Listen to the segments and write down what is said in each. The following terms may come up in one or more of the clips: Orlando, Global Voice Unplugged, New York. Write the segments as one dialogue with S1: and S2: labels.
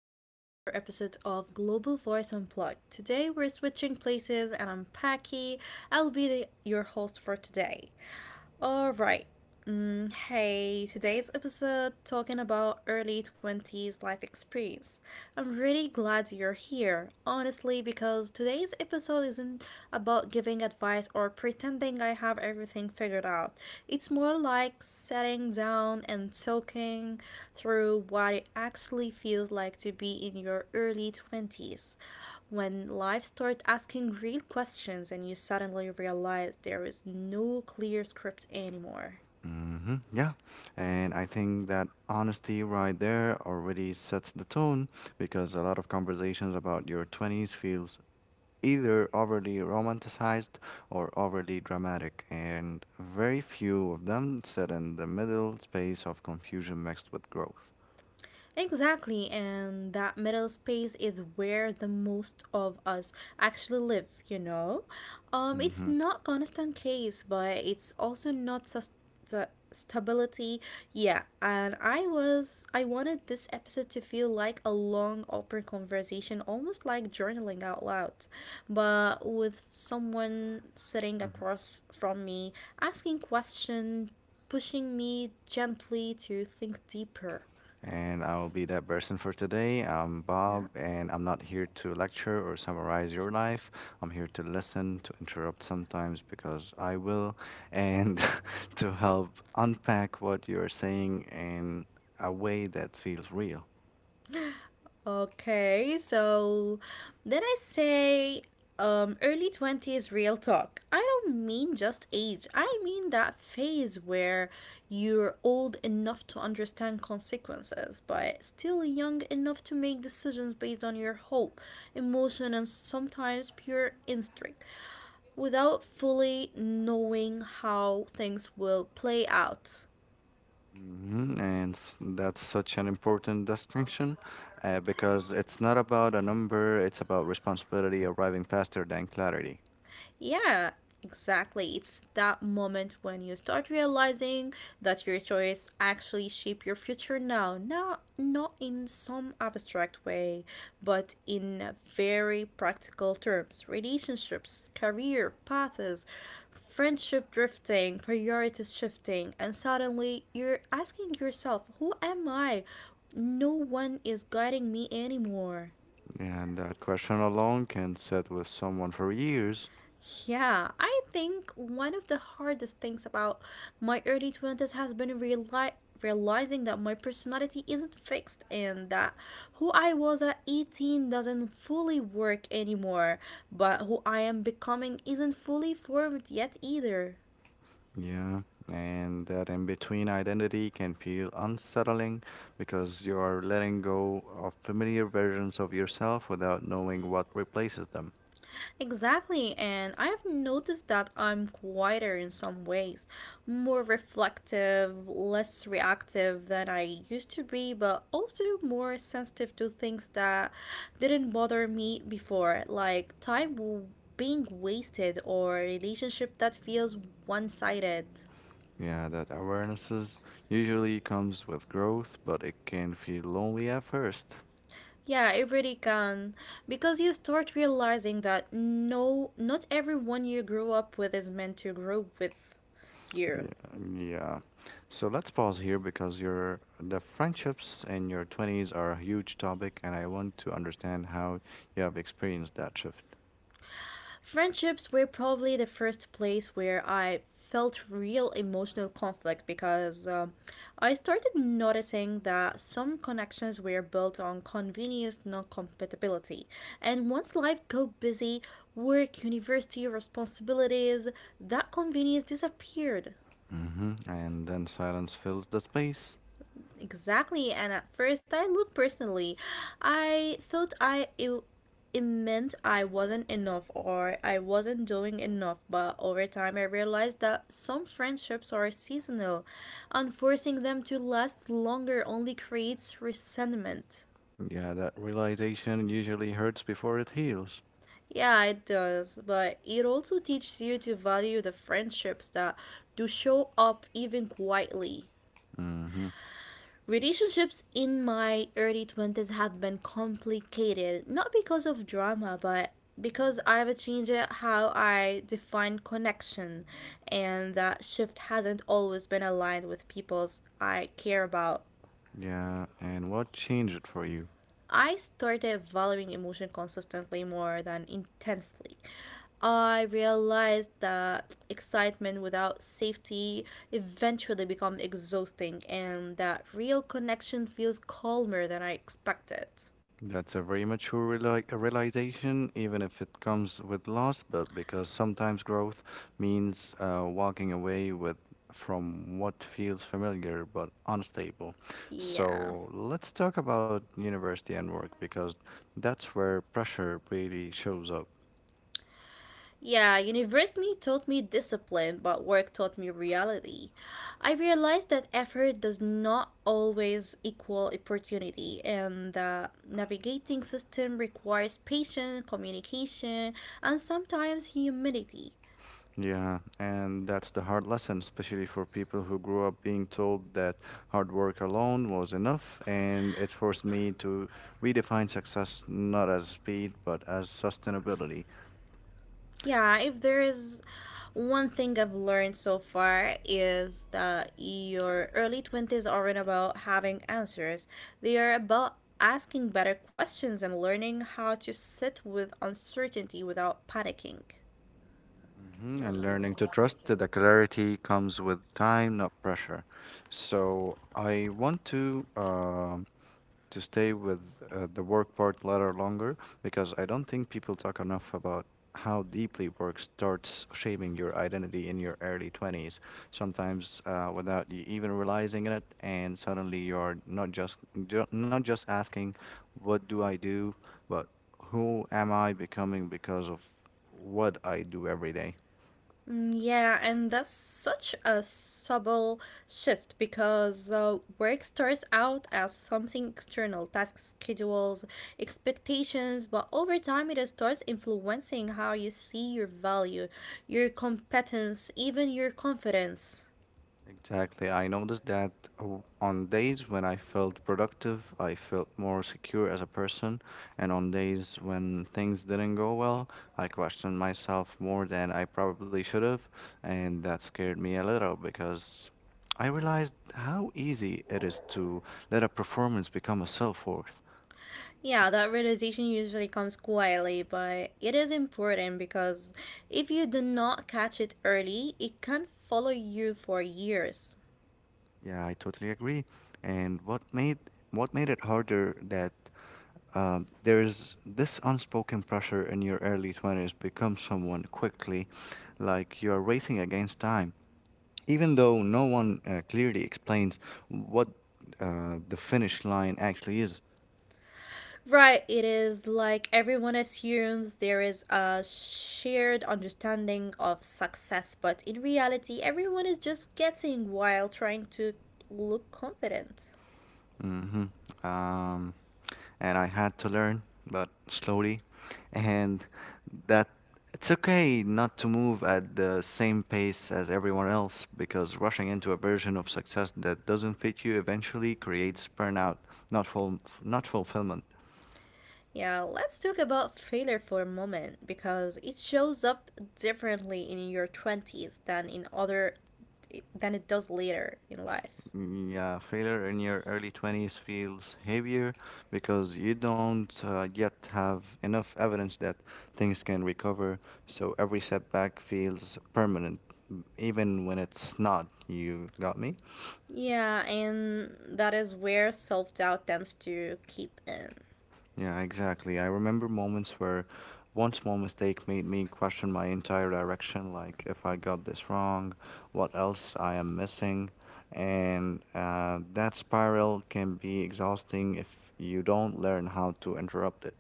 S1: to another episode of Global Voice Unplugged. Today we're switching places and I'm Paki. I'll be your host for today. Alright. Hey, today's episode talking about early 20s life experience. I'm really glad you're here, honestly, because today's episode isn't about giving advice or pretending I have everything figured out. It's more like sitting down and talking through what it actually feels like to be in your early 20s when life starts asking real questions and you suddenly realize there is no clear script anymore.
S2: Yeah. And I think that honesty right there already sets the tone because a lot of conversations about your 20s feels either overly romanticized or overly dramatic, and very few of them sit in the middle space of confusion mixed with growth.
S1: Exactly, and that middle space is where the most of us actually live, you know? It's
S2: hmm
S1: not constant case, but it's also not stability. Yeah, and I wanted this episode to feel like a long, open conversation, almost like journaling out loud, but with someone sitting across from me, asking questions, pushing me gently to think deeper.
S2: And I'll be that person for today. I'm
S1: Yeah.
S2: Bob, and I'm not here to lecture or summarize your life. I'm here to listen, to interrupt sometimes because I will, and to help unpack what you're saying in a way that feels real.
S1: Okay, so then I say early 20s real talk. I don't mean just age, I mean that phase where you're old enough to understand consequences, but still young enough to make decisions based on your hope, emotion, and sometimes pure instinct without fully knowing how things will play out.
S2: Mhm. That's such an important distinction because it's not about a number, it's about responsibility arriving faster than clarity.
S1: Yeah, exactly. It's that moment when you start realizing that your choice actually shape your future now. Not in some abstract way, but in very practical terms. Relationships, career, paths, friendship drifting, priorities shifting, and suddenly you're asking yourself, who am I? No one is guiding me anymore.
S2: And that question alone can sit with someone for years.
S1: Yeah, I think one of the hardest things about my early 20s has been realizing that my personality isn't fixed and that who I was at 18 doesn't fully work anymore, but who I am becoming isn't fully formed yet either.
S2: Yeah, and that in between identity can feel unsettling because you are letting go of familiar versions of yourself without knowing what replaces them.
S1: Exactly, and I've noticed that I'm quieter in some ways, more reflective, less reactive than I used to be, but also more sensitive to things that didn't bother me before, like being wasted or a relationship that feels one sided.
S2: Yeah, that awareness is- Usually comes with growth, but it can feel lonely at first.
S1: Yeah, it really can. Because you start realizing that no, not everyone you grew up with is meant to grow with you.
S2: Yeah, yeah. So let's pause here because your the friendships in your 20s are a huge topic, and I want to understand how you have experienced that shift.
S1: Friendships were probably the first place where I felt real emotional conflict because I started noticing that some connections were built on convenience, not compatibility. And once life got busy, work, university, responsibilities, that convenience disappeared.
S2: And then silence fills the space.
S1: Exactly, and at first I looked personally. I thought it meant I wasn't enough or I wasn't doing enough, but over time I realized that some friendships are seasonal, and forcing them to last longer only creates resentment.
S2: Yeah, that realization usually hurts before it heals.
S1: Yeah, it does, but it also teaches you to value the friendships that do show up even quietly.
S2: Mm-hmm.
S1: Relationships in my early 20s have been complicated, not because of drama, but because I've changed how I define connection, and that shift hasn't always been aligned with people's I care about.
S2: Yeah, and what changed it for you?
S1: I started valuing emotion consistently more than intensely. I realized that excitement without safety eventually becomes exhausting and that real connection feels calmer than I expected.
S2: That's a very mature realization, even if it comes with loss, but because sometimes growth means walking away with from what feels familiar but unstable.
S1: Yeah.
S2: So let's talk about university and work because that's where pressure really shows up.
S1: Yeah, university taught me discipline, but work taught me reality. I realized that effort does not always equal opportunity, and that navigating system requires patience, communication, and sometimes humility.
S2: Yeah, and that's the hard lesson, especially for people who grew up being told that hard work alone was enough. And it forced me to redefine success not as speed, but as sustainability.
S1: Yeah,
S2: S-
S1: if there is one thing I've learned so far is that your early 20s aren't about having answers. They are about asking better questions and learning how to sit with uncertainty without panicking.
S2: Mhm. And learning to trust that the clarity comes with time, not pressure. So I want to stay with the work part later longer because I don't think people talk enough about how deeply work starts shaping your identity in your early 20s, sometimes without you even realizing it. And suddenly you're not just asking, what do I do, but who am I becoming because of what I do every day?
S1: Yeah, and that's such a subtle shift because work starts out as something external, tasks, schedules, expectations, but over time it starts influencing how you see your value, your competence, even your confidence.
S2: Exactly. I noticed that on days when I felt productive, I felt more secure as a person, and on days when things didn't go well, I questioned myself more than I probably should have, and that scared me a little because I realized how easy it is to let a performance become a self-worth.
S1: Yeah, that realization usually comes quietly, but it is important because if you do not catch it early, it can follow you for years.
S2: Yeah, I totally agree. And what made it harder that there's this unspoken pressure in your early 20s become someone quickly, like you're racing against time, even though no one clearly explains what the finish line actually is.
S1: Right, it is like everyone assumes there is a shared understanding of success, but in reality, everyone is just guessing while trying to look confident.
S2: hmm Um, and I had to learn, but slowly. And that it's okay not to move at the same pace as everyone else because rushing into a version of success that doesn't fit you eventually creates burnout, not fulfillment.
S1: Yeah, let's talk about failure for a moment because it shows up differently in your 20s than in other than it does later in life.
S2: Yeah, failure in your early 20s feels heavier because you don't yet have enough evidence that things can recover, so every setback feels permanent, even when it's not. You got me?
S1: Yeah, and that is where self-doubt tends to keep in.
S2: Yeah, exactly. I remember moments where one small mistake made me question my entire direction, like if I got this wrong, what else I am missing. And that spiral can be exhausting if you don't learn how to interrupt it.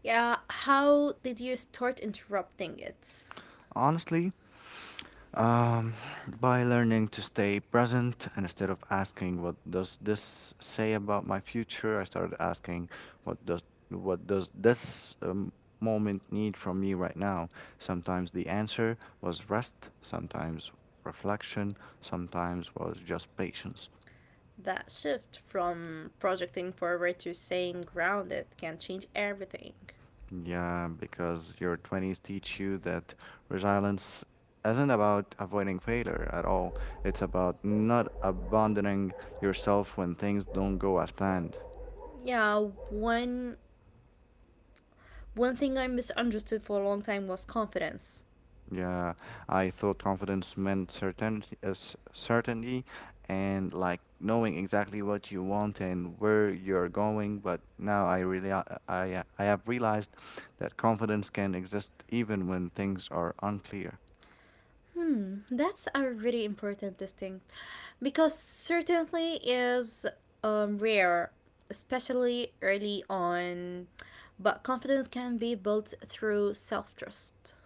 S1: Yeah, how did you start interrupting it?
S2: Honestly, Um, by learning to stay present and instead of asking what does this say about my future, I started asking what does what does this moment need from me right now? Sometimes the answer was rest, sometimes reflection, sometimes was just patience.
S1: That shift from projecting forward to staying grounded can change everything.
S2: Yeah, because your 20s teach you that resilience isn't about avoiding failure at all. It's about not abandoning yourself when things don't go as planned.
S1: Yeah, one one thing I misunderstood for a long time was confidence.
S2: Yeah, I thought confidence meant certainty, certainty and like knowing exactly what you want and where you're going, but now I really I have realized that confidence can exist even when things are unclear.
S1: Hmm, that's a really important distinct because certainly is rare, especially early on. But confidence can be built through self trust.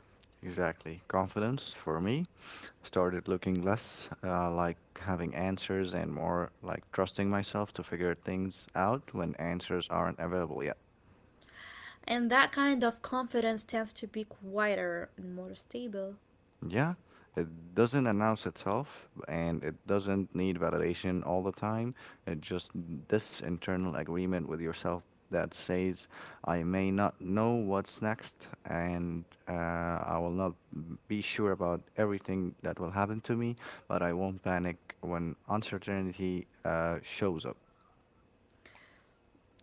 S2: Exactly. Confidence for me started looking less like having answers and more like trusting myself to figure things out when answers aren't available yet.
S1: And that kind of confidence tends to be quieter and more stable.
S2: Yeah, it doesn't announce itself and it doesn't need validation all the time. It just this internal agreement with yourself that says, I may not know what's next and I will not be sure about everything that will happen to me, but I won't panic when uncertainty shows up.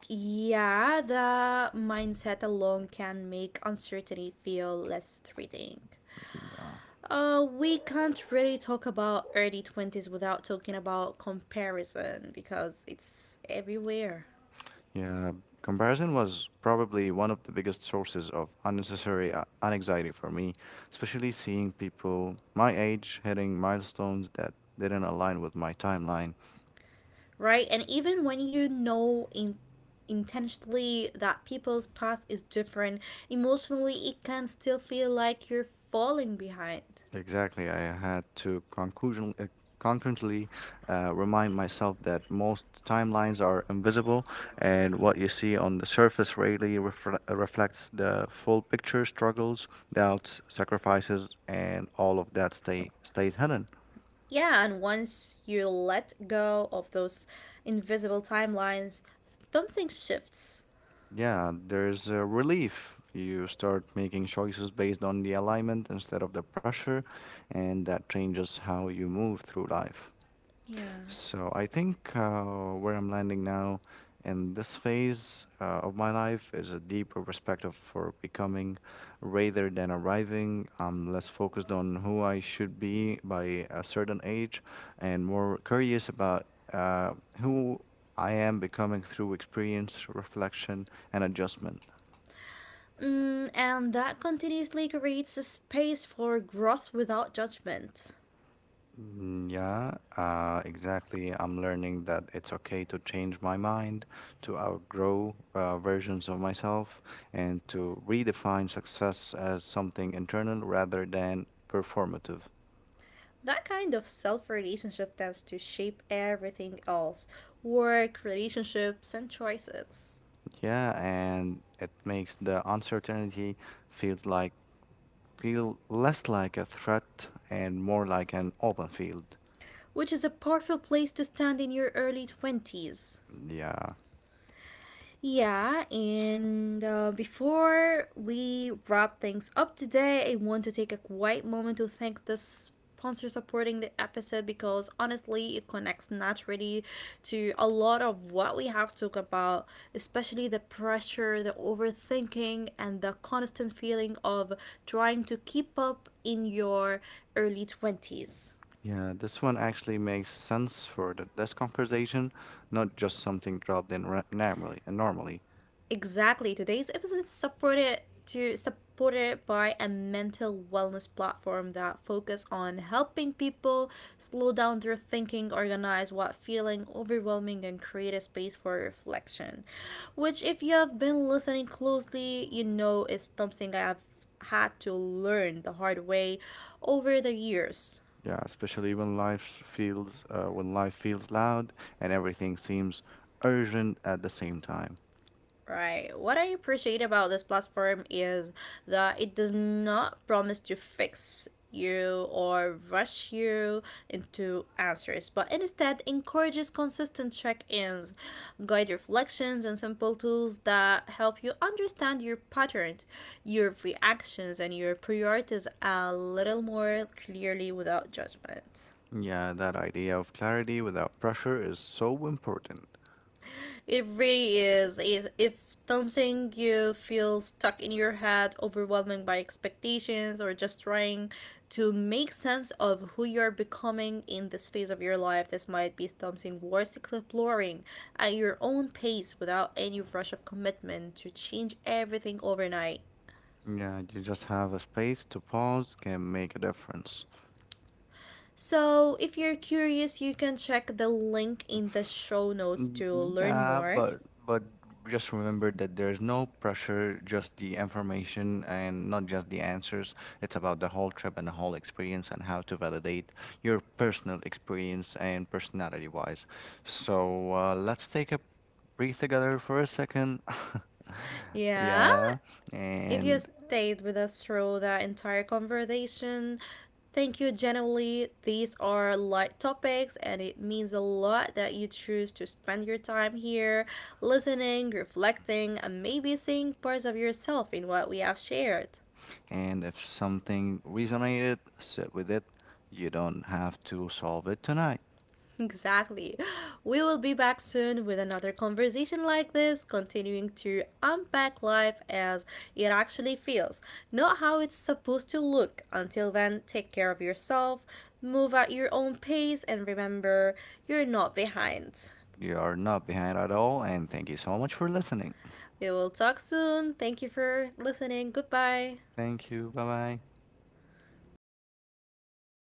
S1: Yeah, the mindset alone can make uncertainty feel less threatening.
S2: Yeah.
S1: We can't really talk about early 20s without talking about comparison because it's everywhere,
S2: Yeah, comparison was probably one of the biggest sources of unnecessary anxiety for me, especially seeing people my age hitting milestones that didn't align with my timeline.
S1: right? And even when you know in intentionally that people's path is different, emotionally it can still feel like you're falling behind.
S2: Exactly, I had to concurrently remind myself that most timelines are invisible, and what you see on the surface rarely reflects the full picture. Struggles, doubts, sacrifices, and all of that stays hidden.
S1: Yeah, and once you let go of those invisible timelines, something shifts.
S2: Yeah, there's a relief. You start making choices based on the alignment instead of the pressure, and that changes how you move through life.
S1: Yeah.
S2: So I think where I'm landing now in this phase of my life is a deeper perspective for becoming rather than arriving. I'm less focused on who I should be by a certain age and more curious about uh, who I am becoming through experience, reflection, and adjustment.
S1: Mm, and that continuously creates a space for growth without judgment.
S2: Mm. Yeah, exactly. I'm learning that it's okay to change my mind, to outgrow versions of myself, and to redefine success as something internal rather than performative.
S1: That kind of self relationship tends to shape everything else work, relationships, and choices,
S2: Yeah, and it makes the uncertainty feels like feel less like a threat and more like an open field.
S1: which is a powerful place to stand in your early 20s.
S2: Yeah.
S1: Yeah, and before we wrap things up today, I want to take a quiet moment to thank the sponsor supporting the episode because honestly, it connects naturally to a lot of what we have talked about, especially the pressure, the overthinking, and the constant feeling of trying to keep up in your early 20s.
S2: Yeah, this one actually makes sense for the desk conversation, not just something normally. And normally,
S1: Exactly. Today's episode is supported by a mental wellness platform that focus on helping people slow down their thinking, organize what feeling overwhelming and create a space for reflection. Which if you have been listening closely, you know is something I have had to learn the hard way over the years.
S2: yeah, especially when life feels loud and everything seems urgent at the same time.
S1: Right. What I appreciate about this platform is that it does not promise to fix you or rush you into answers, but instead encourages consistent check ins, guide reflections, and simple tools that help you understand your patterns, your reactions, and your priorities a little more clearly without judgment.
S2: Yeah, that idea of clarity without pressure is so important.
S1: It really is. If something you feel stuck in your head, overwhelmed by expectations, or just trying to make sense of who you are becoming in this phase of your life, this might be something worth exploring at your own pace without any rush of commitment to change everything overnight.
S2: Yeah, you just have a space to pause can make a difference.
S1: So, if you're curious, you can check the link in the show notes to
S2: Mm.
S1: learn
S2: Yeah,
S1: more.
S2: but just remember that there's no pressure, just the information and not just the answers. It's about the whole trip and the whole experience and how to validate your personal experience and personality wise. So let's take a breathe together for a second.
S1: Yeah,
S2: yeah,
S1: if you
S2: and
S1: stayed with us through the entire conversation, thank you genuinely. These are light topics, and it means a lot that you choose to spend your time here, listening, reflecting, and maybe seeing parts of yourself in what we have shared.
S2: and if something resonated, sit with it. You don't have to solve it tonight.
S1: Exactly. We will be back soon with another conversation like this, continuing to unpack life as it actually feels, not how it's supposed to look. Until then, take care of yourself, move at your own pace, and remember you're not behind.
S2: You are not behind at all, and thank you so much for listening.
S1: We will talk soon. Thank you for listening. Goodbye.
S2: Thank you. Bye bye.